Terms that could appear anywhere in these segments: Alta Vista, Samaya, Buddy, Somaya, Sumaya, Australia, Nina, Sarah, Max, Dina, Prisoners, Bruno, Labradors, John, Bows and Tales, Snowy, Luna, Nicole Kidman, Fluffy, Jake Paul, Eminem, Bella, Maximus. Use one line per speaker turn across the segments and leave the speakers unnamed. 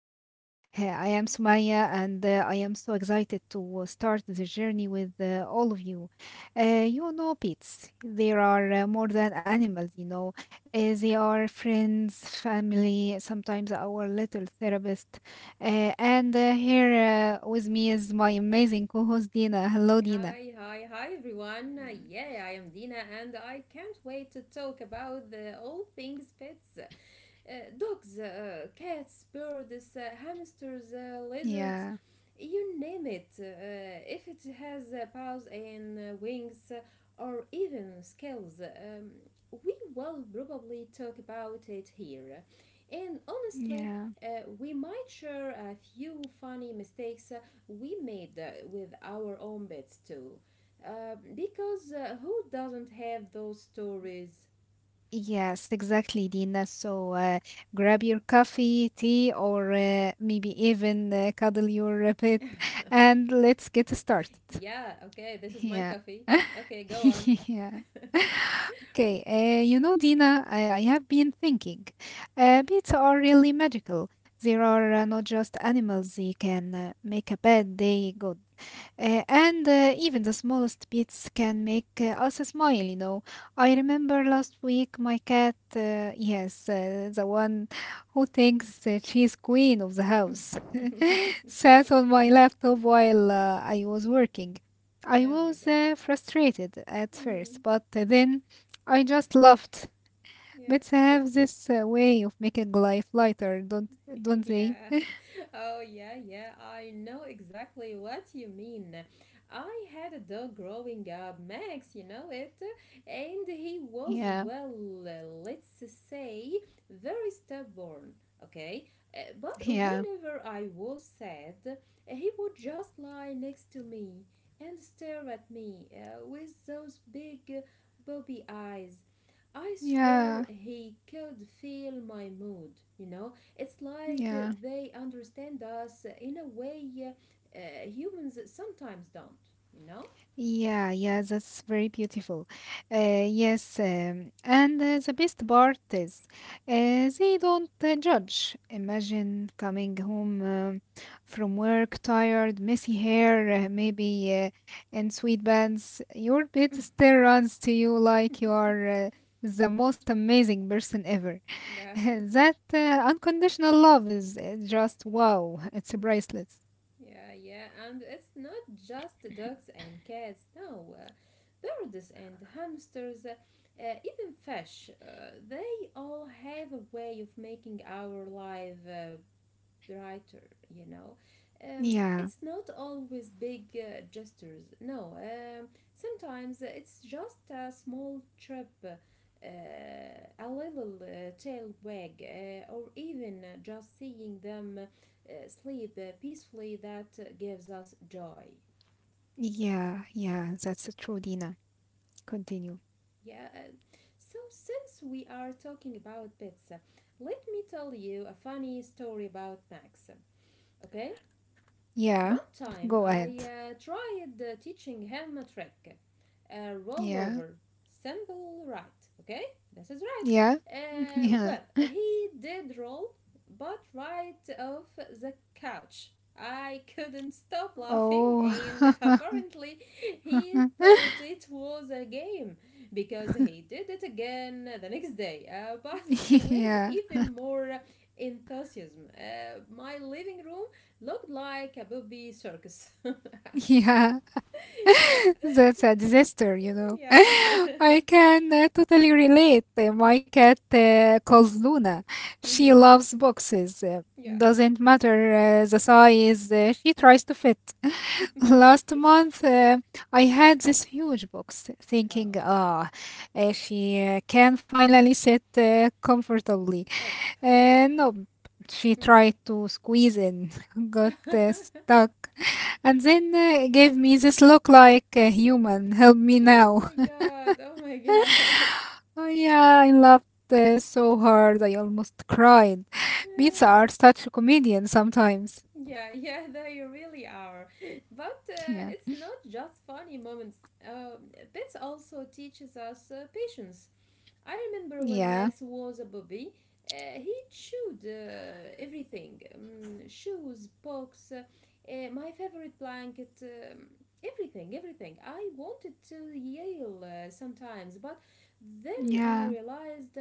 Tales. I am Sumaya and I am so excited to start the journey with all of you. You know pets, they are more than animals. They are friends, family, sometimes our little therapist. And here with me is my amazing co-host Dina. Hello Dina.
Hi everyone. Uh,
Mm,
Yeah, I am Dina and I can't wait to talk about the all things pets uh, dogs, cats, birds, hamsters, lizards,
yeah,
you name it. If it has paws and wings or even scales, we will probably talk about it here. And honestly,
yeah.
we might share a few funny mistakes we made with our own pets too. Because who doesn't have those stories?
Yes, exactly, Dina. So grab your coffee, tea, or maybe even cuddle your pet, and let's get started.
Yeah, okay, this is my
Yeah.
coffee. Okay, go on.
Yeah. Okay. Dina, I have been thinking. Pets are really magical. They are not just animals. They can make a bad day good. And even the smallest bits can make us smile. I remember last week my cat, yes, the one who thinks she's queen of the house,
Oh
sat on my laptop while I was working. I
my
was
god.
frustrated at first,
Hmm.
but then I just laughed. Bits
Yes.
have this way of making life lighter, don't they?
yeah. Oh, yeah, yeah, I know exactly what you mean. I had a dog growing up, Max, you know it, and he was,
Yeah,
well, let's say, very stubborn, okay? But
yeah,
whenever I was sad, he would just lie next to me and stare at me with those big bobby eyes. I
yeah,
swear he could feel my mood, you know? It's like
yeah.
they understand us in a way humans sometimes don't, you know?
Yeah, yeah, that's very beautiful. Yes, and the best part is they don't judge. Imagine coming home from work, tired, messy hair, maybe in sweatpants. Your pet still runs to you like you are the most amazing person ever.
yeah.
That unconditional love is just wow, it's priceless.
Yeah, yeah, and it's not just dogs and cats, no. Birds and hamsters, even fish, they all have a way of making our life brighter, you know.
Yeah,
It's not always big gestures, no. Sometimes it's just a small trip, a little tail wag, or even just seeing them sleep peacefully that gives us joy.
yeah, yeah, that's true, Dina. Continue.
Yeah. So, since we are talking about pets, let me tell you a funny story about Max, okay?
Yeah.
One time
Go
I
ahead.
tried teaching him a trick, a
Yeah.
rollover. Simple, right? Okay, this is right.
Yeah.
Uh,
Yeah.
well, he did roll, but right off the couch. I couldn't stop laughing,
Oh.
and apparently, he thought it was a game because he did it again the next day, but with
Yeah.
even more enthusiasm. My living room looked like a booby circus.
Yeah.
yeah,
That's a disaster.
yeah.
I can totally relate. My cat called Luna. She
Mm-hmm.
loves boxes.
Yeah.
Doesn't matter the size, she tries to fit. Last month, I had this huge box, thinking,
oh.
ah, she can finally sit comfortably.
Up.
No, she
Mm.
tried to squeeze in, got stuck, and then gave me this look like a human, help me
oh my
now.
god. Oh my god.
Oh, yeah, I laughed so hard, I almost cried.
Yeah.
Beats are such a comedian sometimes.
Yeah, yeah, they really are. But
Yeah,
it's not just funny moments. Um, Pets also teaches us patience. I remember when
yeah,
Max was a baby, he chewed everything, shoes, books, my favorite blanket, everything. I wanted to yell sometimes, but then I
yeah,
realized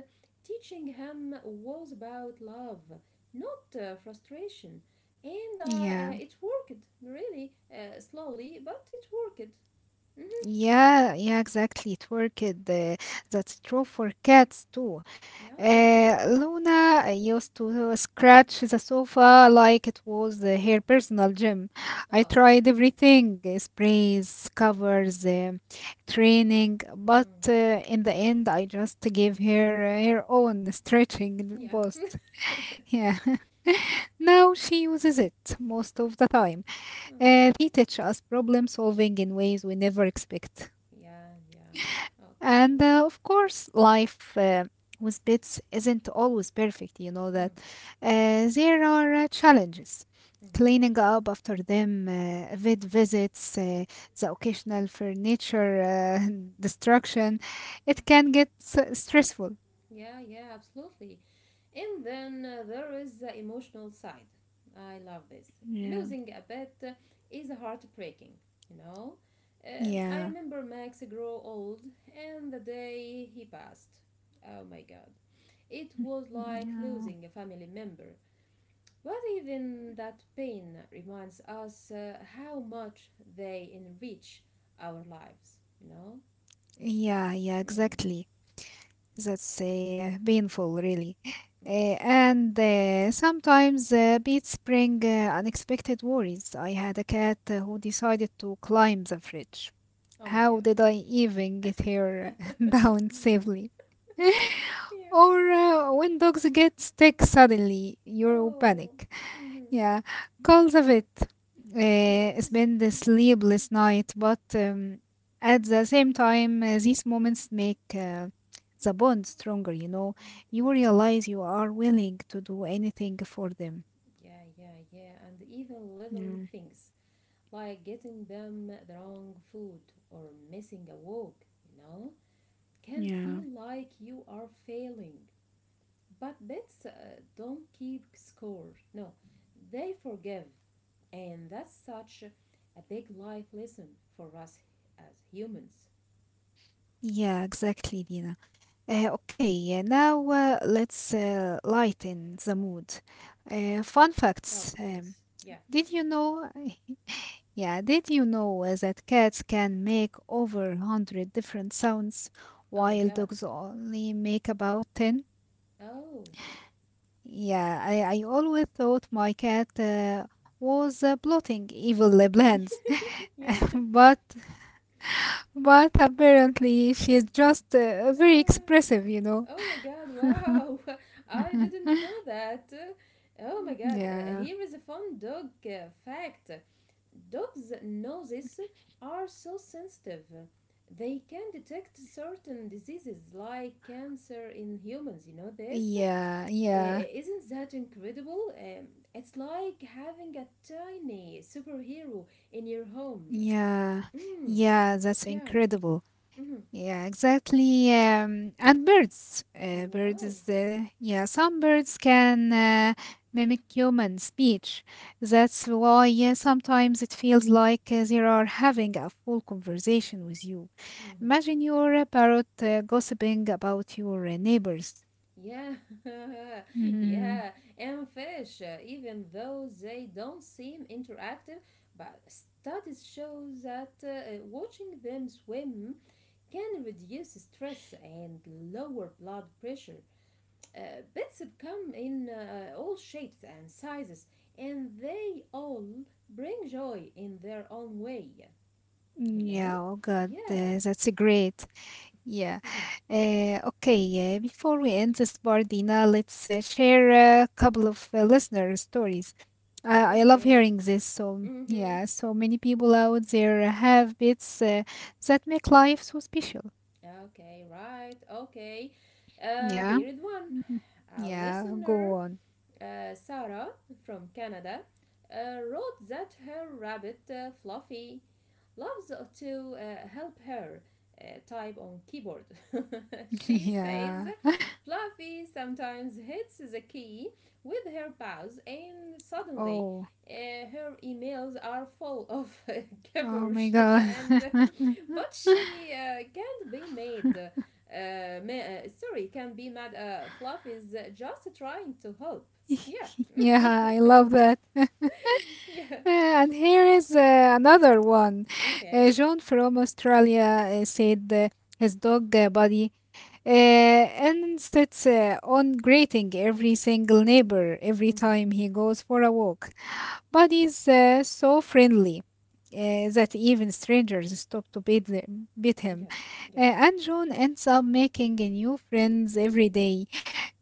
teaching him was about love, not frustration. And
yeah.
it worked, really, slowly, but it worked. Hmm.
Yeah, yeah, exactly. It worked. That's true for cats too.
Yeah, yeah.
Luna used to scratch the sofa like it was her personal gym. I
Oh,
tried everything, sprays, covers, training, but
mm,
in the end, I just gave her her own stretching
yeah.
post. Yeah. Now she uses it most of the time.
Mhm.
They teach us problem solving in ways we never expect.
Yeah, yeah.
And
Okay.
uh, of course, life with pets isn't always perfect, you know
Mhm,
that. There are challenges.
mhm.
Cleaning up after them, vet visits, the occasional furniture destruction, it can get stressful.
Yeah, yeah, absolutely. And then there is the emotional side. I love this.
Yeah,
Losing a pet is heartbreaking, you know. I
yeah,
remember Max grow old and the day he passed. Oh my god. It was like
yeah,
losing a family member. But even that pain reminds us how much they enrich our lives, you know.
yeah, yeah,
Mm.
exactly. That's painful, really. Uh,
Yes.
and sometimes beats bring unexpected worries. I had a cat who decided to climb the fridge.
Oh my
How
god.
did I even get her down safely?
yeah.
Or when dogs get sick suddenly, you
Oh.
panic.
Mhm.
Yeah, calls of it.
Yes.
Spend the sleepless night, but at the same time, these moments make the bond stronger, you know. You
Yeah.
realize you are willing to do anything for them.
Yeah. Yeah. Yeah. And even little
Yeah.
things like getting them the wrong food or missing a walk, you know, can feel
Yeah.
like you are failing. But pets don't keep score. No, they forgive, and that's such a big life lesson for us as humans.
Yeah, exactly, Dina. Okay, now let's lighten the mood. Fun
Oh,
facts.
please. Yeah.
Did you know yeah, did you know that cats can make over 100 different sounds
Oh my
while
god.
dogs only make about 10?
Oh.
Yeah, I always thought my cat was plotting evil plans,
yeah.
but but apparently she's just very
Uh,
expressive, you know.
oh my god. Wow. I didn't know that. Oh my god.
Yeah,
Here is a fun dog fact. Dogs' noses are so sensitive. They can detect certain diseases like cancer in humans. You know this?
yeah, yeah,
Isn't that incredible? It's like having a tiny superhero in your home.
yeah,
Mm,
yeah, that's
yeah.
incredible.
Hmm.
Yeah, exactly. And birds, birds
Wow.
is yeah. Some birds can mimic human speech. That's why yeah, sometimes it feels like they are having a full conversation with you.
Mhm.
Imagine your parrot gossiping about your neighbors.
Yeah,
Mhm.
yeah, and fish, even though they don't seem interactive, but studies show that watching them swim can reduce stress and lower blood pressure. Bats come in all shapes and sizes, and they all bring joy in their own way, you know?
Yeah. Oh God,
Yeah.
that's great. Yeah.
Mhm.
Okay. Before we end this part, Dina, let's share a couple of listener stories. I love hearing
Okay.
this. So,
Mm-hmm.
yeah, so many people out there have bits that make life so special.
Okay, right. Okay.
Yeah.
Here is one.
Mhm.
A
Yeah, go
listener,
on.
Sarah from Canada, wrote that her rabbit Fluffy loves to help her type on keyboard. She says
Yeah.
Fluffy sometimes hits the key with her paws and suddenly
Oh,
her emails are full of
oh my
gibberish
God.
and but she can't be made sorry, can be mad fluff is just trying to help. Yeah.
Yeah, I love that.
Yeah.
And here is another one.
Okay.
John from Australia said his dog buddy insists on greeting every single neighbor every
Hmm.
time he goes for a walk. Buddy's so friendly. That even strangers stop to beat, them, beat him.
Yes, yes.
And John ends up making a new friends every day.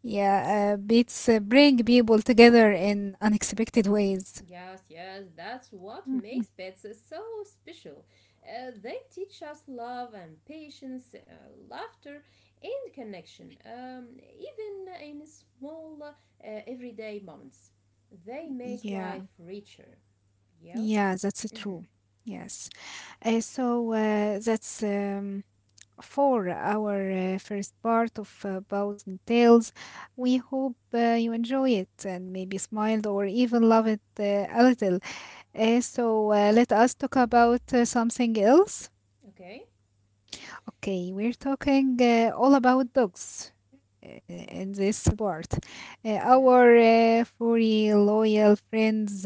Yeah, beats bring people together in unexpected ways.
Yes, yes, that's what
Mhm.
makes pets so special. They teach us love and patience, laughter, and connection, even in small, everyday moments. They make
Yeah.
life richer. Yeah?
Yeah, that's
Mm-hmm.
true. Yes. So that's for our first part of Bows and Tales. We hope you enjoy it and maybe smiled or even love it a little. So let us talk about something else.
Okay.
Okay, we're talking all about dogs.
Oh,
In this part,
yeah.
our furry loyal friends,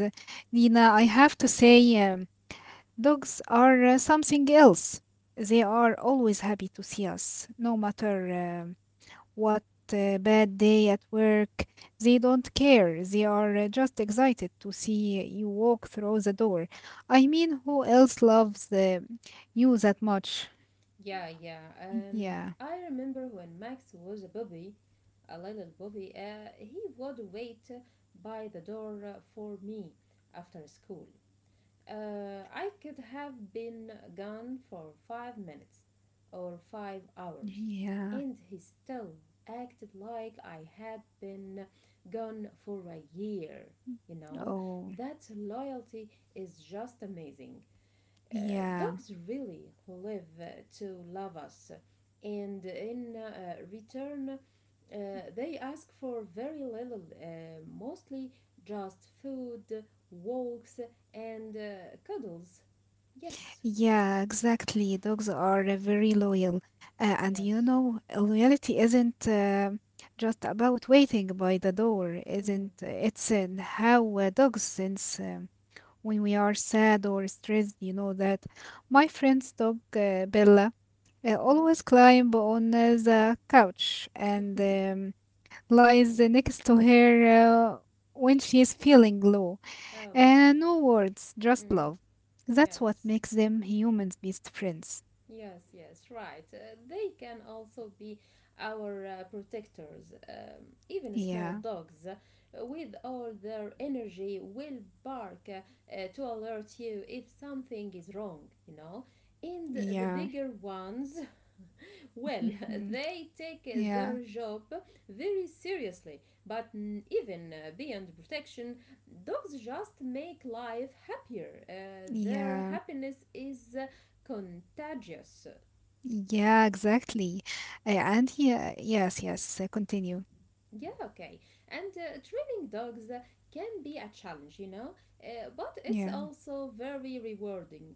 Nina, I have to say, um, dogs are something else. They are always happy to see us, no matter um, what bad day at work. They don't care. They are just excited to see you walk through the door. I mean, who else loves you that much?
Yeah, yeah.
Yeah,
I remember when Max was a baby, a little baby, he would wait by the door for me after school. I could have been gone for 5 minutes or 5 hours,
yeah,
and he still acted like I had been gone for a year. You know,
oh,
that loyalty is just amazing. Uh,
yeah.
Dogs really live to love us, and in return, they ask for very little, mostly just food, walks, and cuddles. Yes,
Yeah, exactly. Dogs are very loyal. And you
yes.
know, loyalty isn't just about waiting by the door,
Mm-hmm.
isn't it's in how dogs sense when we are sad or stressed, you know that my friend's dog Bella
Mm-hmm.
always climb on the couch and lies next to her uh, when she is feeling low.
Oh my god.
No words, just
Mm.
love. That's what
Yes,
makes them humans' best friends.
yes, yes, right. They can also be our protectors. Even small
Yeah,
dogs, with all their energy, will bark to alert you if something is wrong, you know. And the
yeah,
bigger ones, well,
mhm,
they take their
yeah,
job very seriously, but even beyond protection, dogs just make life happier. Their
yeah,
happiness is contagious.
yeah, exactly. And yeah, yes, yes, continue.
Yeah, okay. And training dogs can be a challenge, you know, but it's
Yeah.
also very rewarding.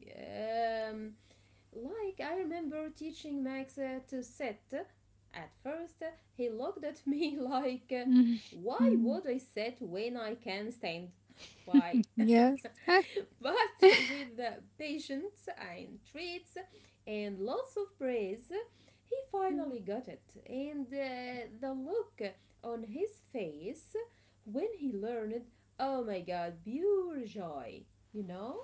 Like I remember teaching Max to sit. At first, he looked at me like,
Mhm,
why
mhm.
would I sit when I can stand? Why?
Yes.
But with the patience and treats and lots of praise, he finally
Mm.
got it. And the look on his face when he learned, oh my god, pure joy, you know?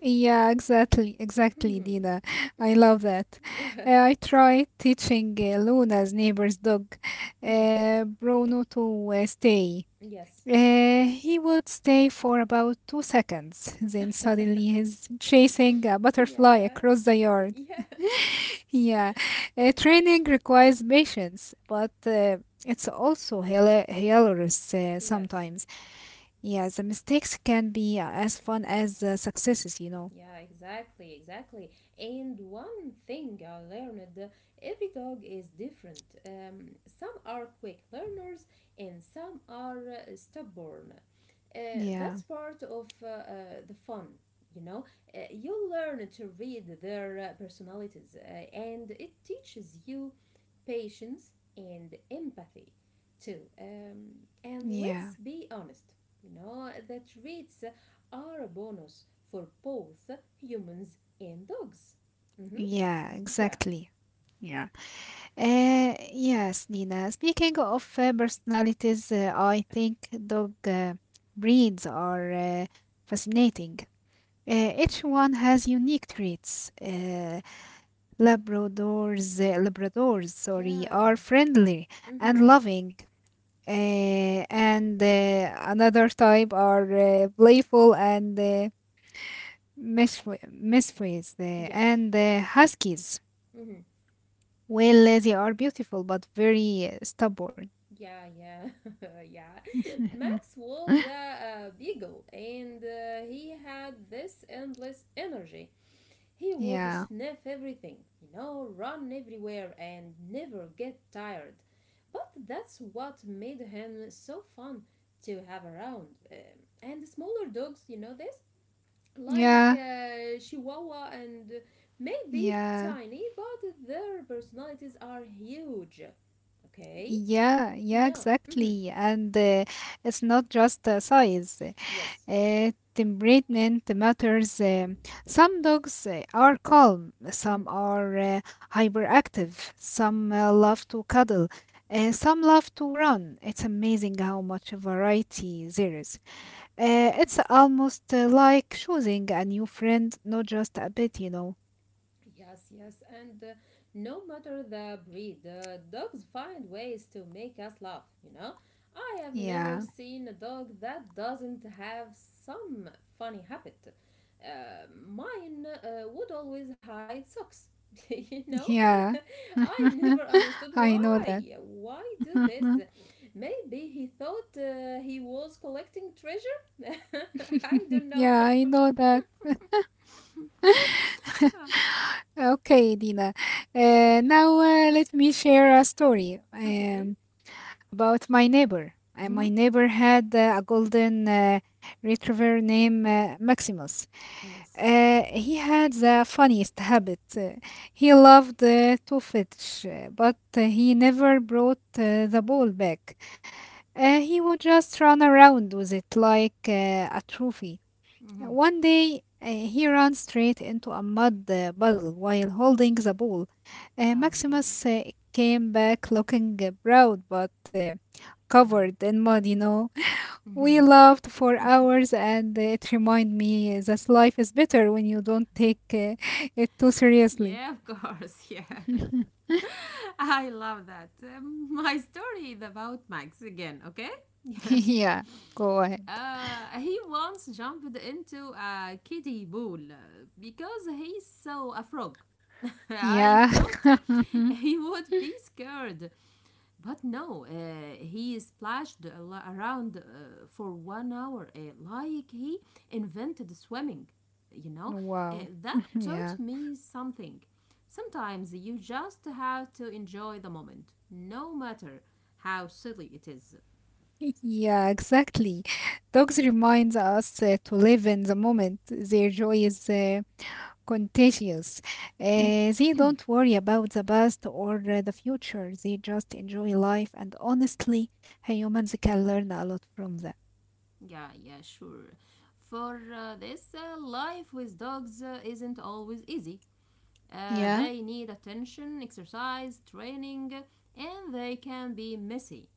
Yeah, exactly, exactly,
Mhm.
Dina. I love that.
Mhm.
I tried teaching Luna's neighbor's dog, Bruno, to stay.
yes.
He would stay for about 2 seconds, then suddenly he's chasing a butterfly
Yeah,
across the yard.
yeah,
Yeah, training requires patience, but it's also hilarious
yes,
sometimes. Yeah, the mistakes can be as fun as the successes, you know.
yeah, exactly, exactly. And one thing I learned, every dog is different. Some are quick learners and some are stubborn. Uh,
Yeah,
that's part of the fun, you know. You learn to read their personalities and it teaches you patience, and empathy too. And
yeah,
let's be honest, you know, the traits are a bonus for both humans and dogs. Mm-hmm.
yeah,
Yeah,
exactly. Yeah. Yes, Nina. Speaking of personalities, I think dog breeds are fascinating. Each one has unique traits. Labradors,
yeah,
are friendly
mm-hmm.
and loving, and another type are playful and mischievous, uh,
Yes.
and uh, huskies.
Mm-hmm.
Well, they are beautiful but very stubborn.
Yeah, yeah, yeah. Max was a beagle and he had this endless energy. He would
Yeah.
sniff everything, you know, run everywhere and never get tired. But that's what made him so fun to have around. And the smaller dogs, you know this? Like
Yeah.
Chihuahua and maybe
Yeah.
tiny, but their personalities are huge. Okay?
Yeah. Yeah,
No. Hmm.
exactly. And it's not just size.
Yes.
Temperament matters. Some dogs are calm,
Hmm.
some are hyperactive, some love to cuddle, some love to run. It's amazing how much variety there is. It's almost like choosing a new friend, not just a pet, you know.
Yes, yes, and no matter the breed, dogs find ways to make us laugh, you know? I have
Yeah.
never seen a dog that doesn't have some funny habit. Mine would always hide socks, you know?
Yeah.
I never understood
I know
why.
that.
Why do this? Maybe he thought he was collecting treasure? I don't know.
Yeah, I know that.
Ah,
Okay, Dina. Now let me share a story.
okay.
About my neighbor. And my
Mhm.
neighbor had a golden retriever named Maximus.
Yes.
He had the funniest habit. He loved to fetch, but he never brought the ball back. He would just run around with it like a trophy.
Hmm.
One day, he ran straight into a mud puddle while holding the ball.
Oh my god.
Maximus came back looking proud but covered in mud, you know. We
Mm.
laughed for hours and it reminded me that life is better when you don't take it too seriously.
yeah, of course. Yeah. I love that. My story is about Max again, okay?
Yeah, go ahead.
He once jumped into a kiddie pool because he saw a frog. I
Yeah.
thought he would be scared, but no, he splashed around for 1 hour, like he invented swimming. You know,
Wow.
that taught
Yeah.
me something. Sometimes you just have to enjoy the moment, no matter how silly it is.
Yeah, exactly. Dogs reminds us to live in the moment. Their joy is contagious. They don't worry about the past or the future. They just enjoy life, and honestly, humans can learn a lot from that.
Yeah, yeah, sure. For this, life with dogs isn't always easy.
Yeah.
They need attention, exercise, training, and they can be messy.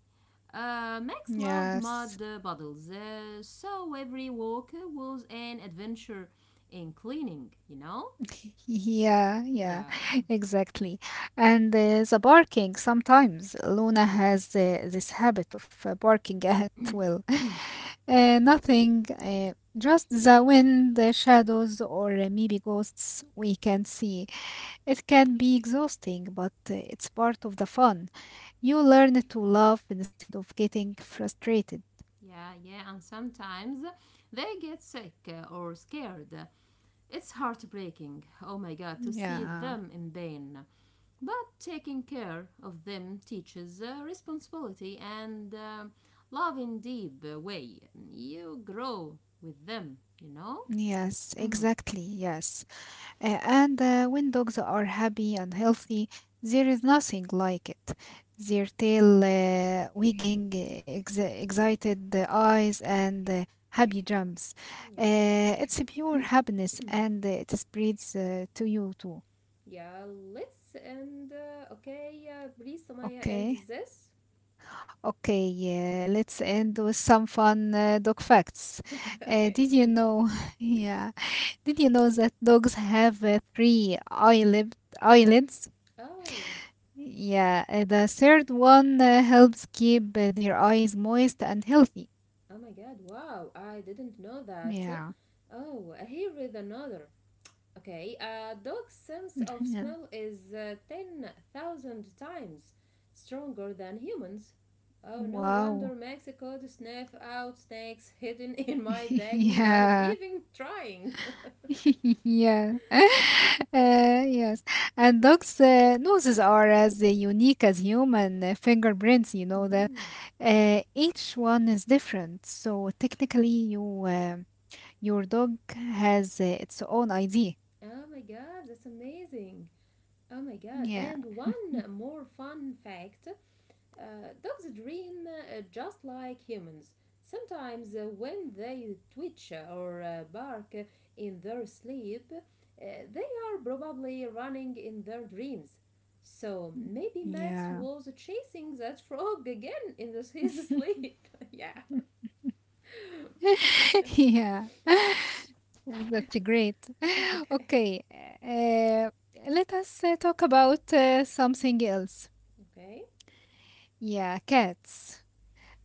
Max loved
Yes.
mud bottles, so every walk was an adventure in cleaning, you know?
Yeah, yeah,
Yeah,
exactly. And the barking sometimes. Luna
mhm,
has this habit of barking at will. Nothing, just the wind, the shadows, or maybe ghosts we can see. It can be exhausting, but it's part of the fun. You learn to love instead of getting frustrated.
yeah, yeah, and sometimes they get sick or scared. It's heartbreaking, oh my god, to see
Yeah.
them in pain. But taking care of them teaches responsibility and love in deep way. You grow with them, you know?
Yes,
Hmm.
exactly. Yes. And when dogs are happy and healthy, there is nothing like it. Their tail wagging, ex excited the eyes, and happy jumps. It's a pure
Yes.
happiness, and it spreads to you too.
Yeah, let's end. Okay, please, Samaya, end
Okay.
this.
Okay, yeah, let's end with some fun dog facts.
Okay.
Did you know? Yeah, did you know that dogs have three eyelids?
Oh,
Yeah, the third one helps keep their eyes moist and healthy.
oh my god, wow, I didn't know that.
Yeah,
Oh, here is another. Okay, a dog's sense of
yeah.
smell is 10,000 times stronger than humans. Oh, no wonder
Wow.
Mexico to sniff out snakes hidden in my bag without
yeah.
even trying.
Yeah. Yes. And dogs' noses are as unique as human fingerprints, you know that.
Mhm.
Each one is different. So technically your dog has its own ID.
Oh my god, that's amazing. Oh my god,
Yeah.
and one more fun fact, dogs dream just like humans. Sometimes, when they twitch or bark in their sleep, they are probably running in their dreams. So maybe Max
Yeah.
was chasing that frog again in his sleep. Yeah.
Yeah. That's great.
Okay.
Okay. Uh, Let us talk about something else.
Okay.
Yeah, cats.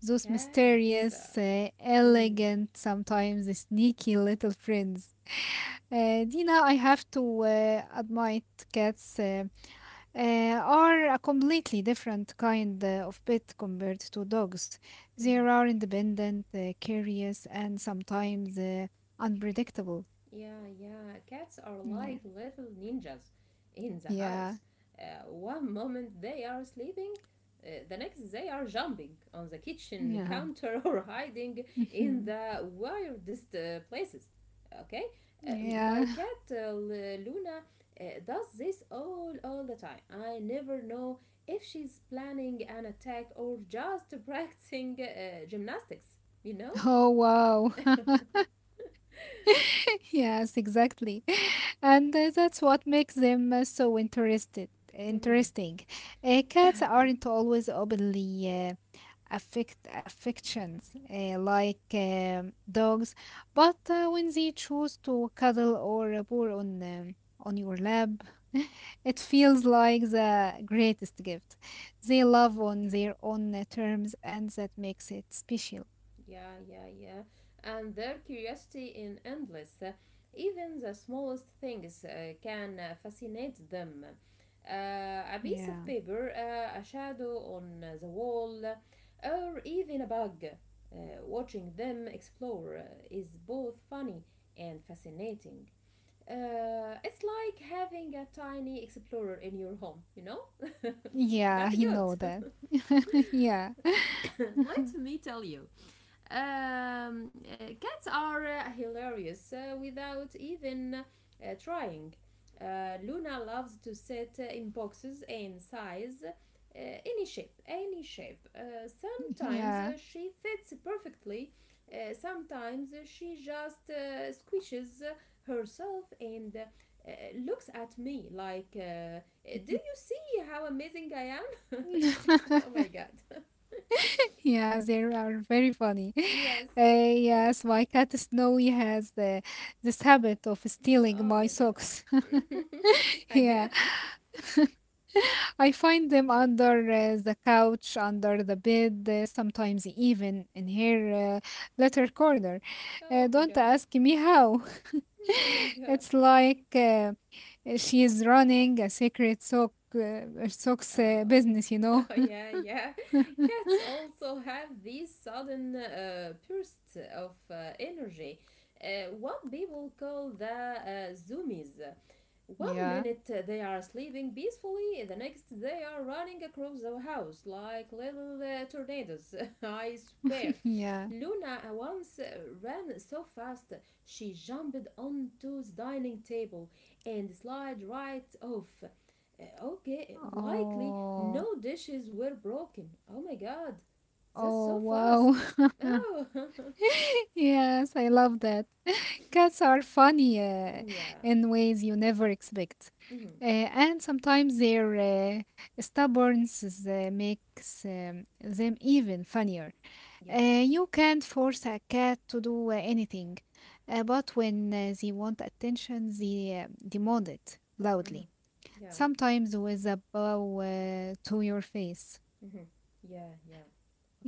Those
Cats.
mysterious,
Mm,
elegant, sometimes sneaky little friends. Dina, I have to admit cats uh, are a completely different kind of pet compared to dogs. They
mhm.
are independent, curious, and sometimes unpredictable.
Yeah, yeah. Cats are like
Yeah.
little ninjas in the house.
Yeah.
One moment they are sleeping, the next they are jumping on the kitchen
Yeah.
counter or hiding in the weirdest places. Okay? Uh, my
yeah.
cat Luna does this all the time. I never know if she's planning an attack or just practicing gymnastics, you know?
Oh, wow. Yes, exactly. And that's what makes them so interesting. Cats aren't always openly affections like dogs, but when they choose to cuddle or purr on your lap, it feels like the greatest gift. They love on their own terms, and that makes it special.
Yeah, yeah, yeah. And their curiosity in endless. Even the smallest things can fascinate them. A piece of
Yeah.
paper, a shadow on the wall, or even a bug. Watching them explore is both funny and fascinating. It's like having a tiny explorer in your home.
Yeah,
That's
you
good.
know that. Yeah.
Let me tell you, cats are hilarious without even trying. Luna loves to sit in boxes and size, any shape. Sometimes,
Yeah.
she fits perfectly. Sometimes, she just squishes herself and looks at me like, "Do you see how amazing I am?" Oh my god.
Yeah, they are very funny.
Yes.
Uh, yes, my cat Snowy has this habit of stealing
Oh my
my socks.
god. Again.
Yeah. I find them under the couch, under the bed, sometimes even in her letter corner.
Oh my
Don't
god.
ask me how.
Oh my god.
It's like She is running a secret socks
Um,
business.
yeah, yeah. Cats also have these sudden bursts of energy, what people call the zoomies. One
Yeah,
minute they are sleeping peacefully, the next they are running across the house like little tornadoes. I swear.
yeah.
Luna once ran so fast she jumped onto the dining table and slid right off. Okay, likely
Oh,
no dishes were broken. Oh my god, that's
oh,
so
wow.
fast. Oh,
Yes, I love that. Cats are funny
yeah,
in ways you never expect.
hmm,
Uh, and sometimes their stubbornness makes them even funnier.
yeah,
You can't force a cat to do anything, but when they want attention, they demand it
hmm,
loudly,
yeah,
sometimes with a bow to your face.
hmm, yeah, yeah.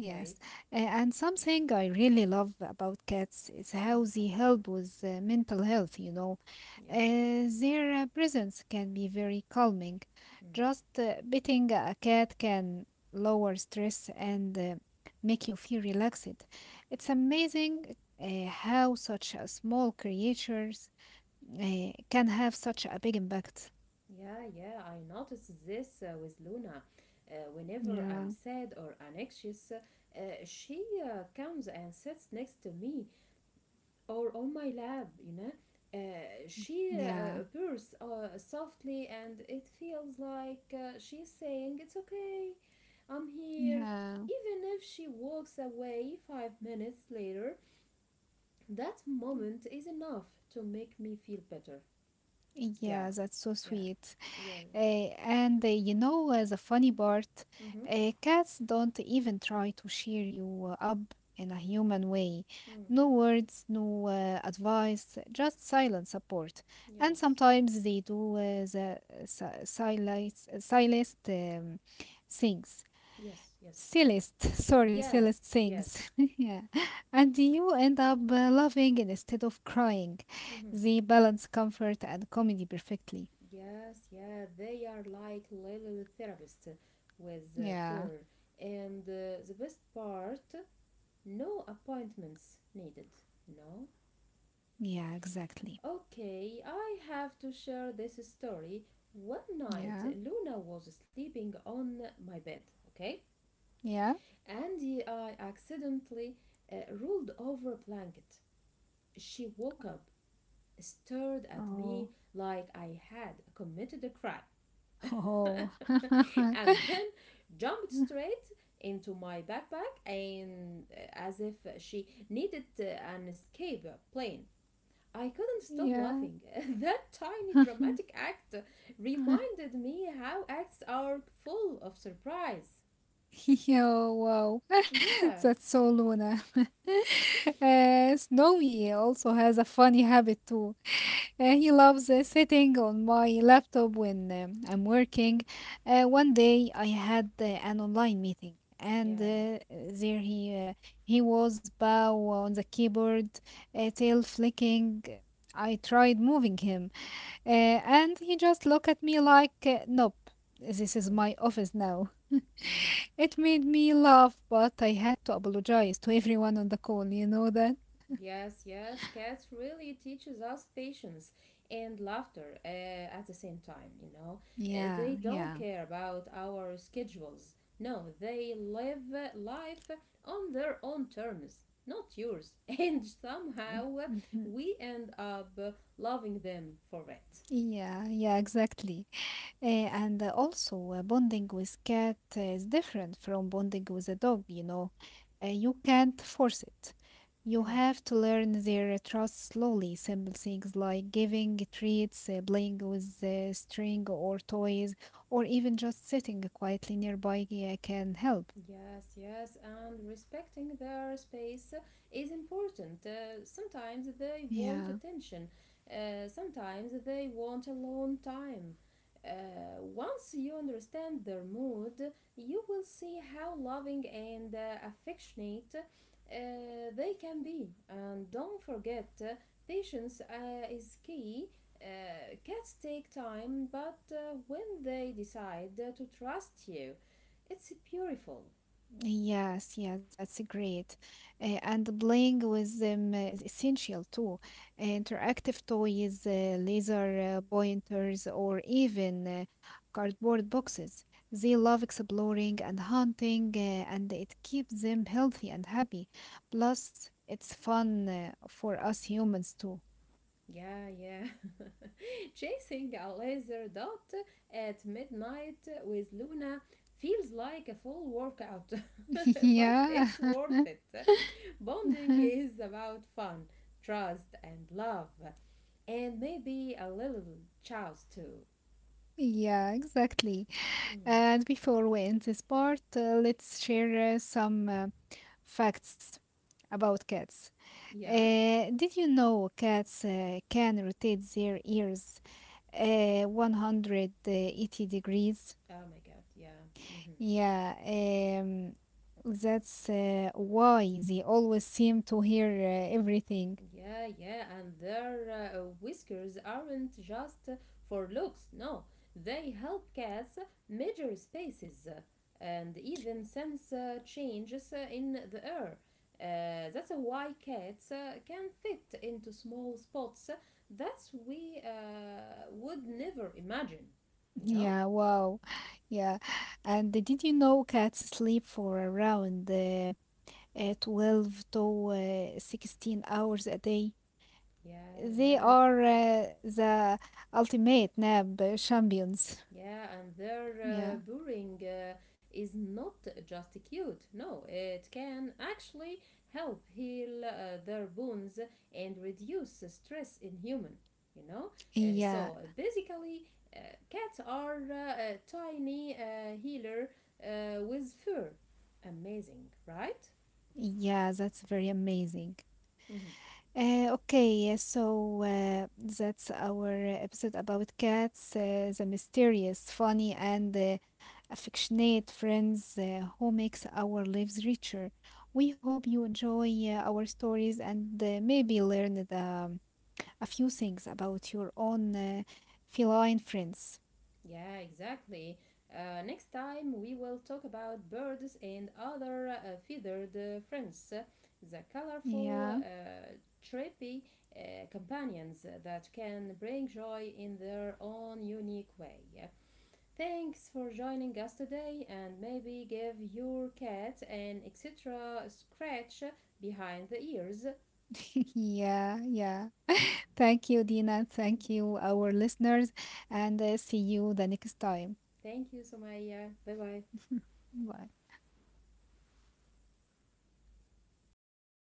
Okay,
And something I really love about cats is how they
mm,
help with mental health.
yes,
Their presence can be very calming.
mm,
Just petting a cat can lower stress and make you feel relaxed. It's amazing how such a small creatures can have such a big impact.
yeah, yeah. I noticed this with Luna. Whenever I'm
Yeah,
sad or anxious, she comes and sits next to me, or on my lap, you know. She
yeah,
purrs softly, and it feels like she's saying, "It's okay, I'm here."
yeah,
Even if she walks away 5 minutes later, that moment is enough to make me feel better. Yeah,
yeah, that's so
yeah,
sweet.
yeah.
Uh, and you know the funny part,
Mm-hmm.
cats don't even try to cheer you up in a human way.
Mm.
No words, no advice, just silent support. And
Yes,
sometimes they do the si- silence, silest things.
yes, yes,
Silliest, sorry,
yes,
silliest
yes.
things. yeah. And you end up laughing instead of crying.
Mm-hmm.
They balance comfort and comedy perfectly.
Yes, yeah, they are like little therapists with
Yeah.
fur. And the best part, no appointments needed, you know?
Yeah, exactly.
Okay, I have to share this story. One night,
Yeah,
Luna was sleeping on my bed, okay?
yeah.
And I accidentally uh, rolled over a blanket. She woke up, stared at
Oh,
me like I had committed a crime.
oh,
And then jumped straight into my backpack and as if she needed an escape plane. I couldn't stop
yeah.
laughing. That tiny dramatic act reminded me how acts are full of surprise.
Yo, wow.
Yeah,
That's so Luna. Snowy also has a funny habit too. He loves sitting on my laptop when I'm working. One day I had an online meeting, and
yeah.
there he was bow on the keyboard, tail flicking. I tried moving him, and he just looked at me like, "Nope, this is
Mm,
my office now."
mhm.
It made me laugh, but I had to apologize to everyone on the call, you know that?
Yes, yes, cats really teaches us patience and laughter at the same time, you know.
Yeah,
They don't
yeah.
care about our schedules. No, they live life on their own terms, not yours. And somehow
Mm, mhm.
we end up loving them for it.
Yeah, yeah, exactly. Eh, and also, bonding with cat is different from bonding with a dog. You can't force it. You
Mm-hmm.
have to learn their trust slowly. Simple things like giving treats, playing with string or toys, or even just sitting quietly nearby can help.
Yes, yes, and respecting their space is important. Sometimes they
Yeah.
want attention, sometimes they want alone time. Once you understand their mood, you will see how loving and affectionate they can be. And don't forget, patience is key. Cats take time, but when they decide to trust you, it's beautiful.
Yes, yes, that's great. And playing with them is essential too. Interactive toys, laser pointers, or even cardboard boxes. They love exploring and hunting, and it keeps them healthy and happy. Plus, it's fun for us humans too.
Yeah, yeah. Chasing a laser dot at midnight with Luna feels like a full workout, but
Yeah.
it's worth it. Bonding is about fun, trust, and love, and maybe a little chows too.
Yeah, exactly.
Mm.
And before we end this part, let's share some facts about cats.
Yeah.
Did you know cats can rotate their ears 180 degrees?
Oh my God. Yeah. Hmm.
Yeah, that's why they always seem to hear everything.
Yeah, yeah, and their whiskers aren't just for looks, no. They help cats measure spaces and even sense changes in the air. That's why cats can fit into small spots that we would never imagine, you know?
Yeah, wow. Yeah. And did you know cats sleep for around 12 to 16 hours a day?
Yeah,
They
yeah,
are the ultimate NAB champions.
yeah, and their
Yeah,
boring is not just cute. No, it can actually help heal their wounds and reduce stress in human. You know, so
yeah,
basically, cats are a tiny healer with fur. Amazing, right?
yeah, that's very amazing.
Mhm.
Okay, so that's our episode about cats, the mysterious, funny, and affectionate friends who makes our lives richer. We hope you enjoy our stories and maybe learned a few things about your own feline friends.
Yeah, exactly. Next time we will talk about birds and other feathered friends, the
Yeah.
colorful, trippy companions that can bring joy in their own unique way. Thanks for joining us today and maybe give your cat an extra scratch behind the ears.
Yeah, yeah. Thank you, Dina. Thank you, our listeners, and see you the next time.
Thank you, Somaya. Bye bye.
Bye.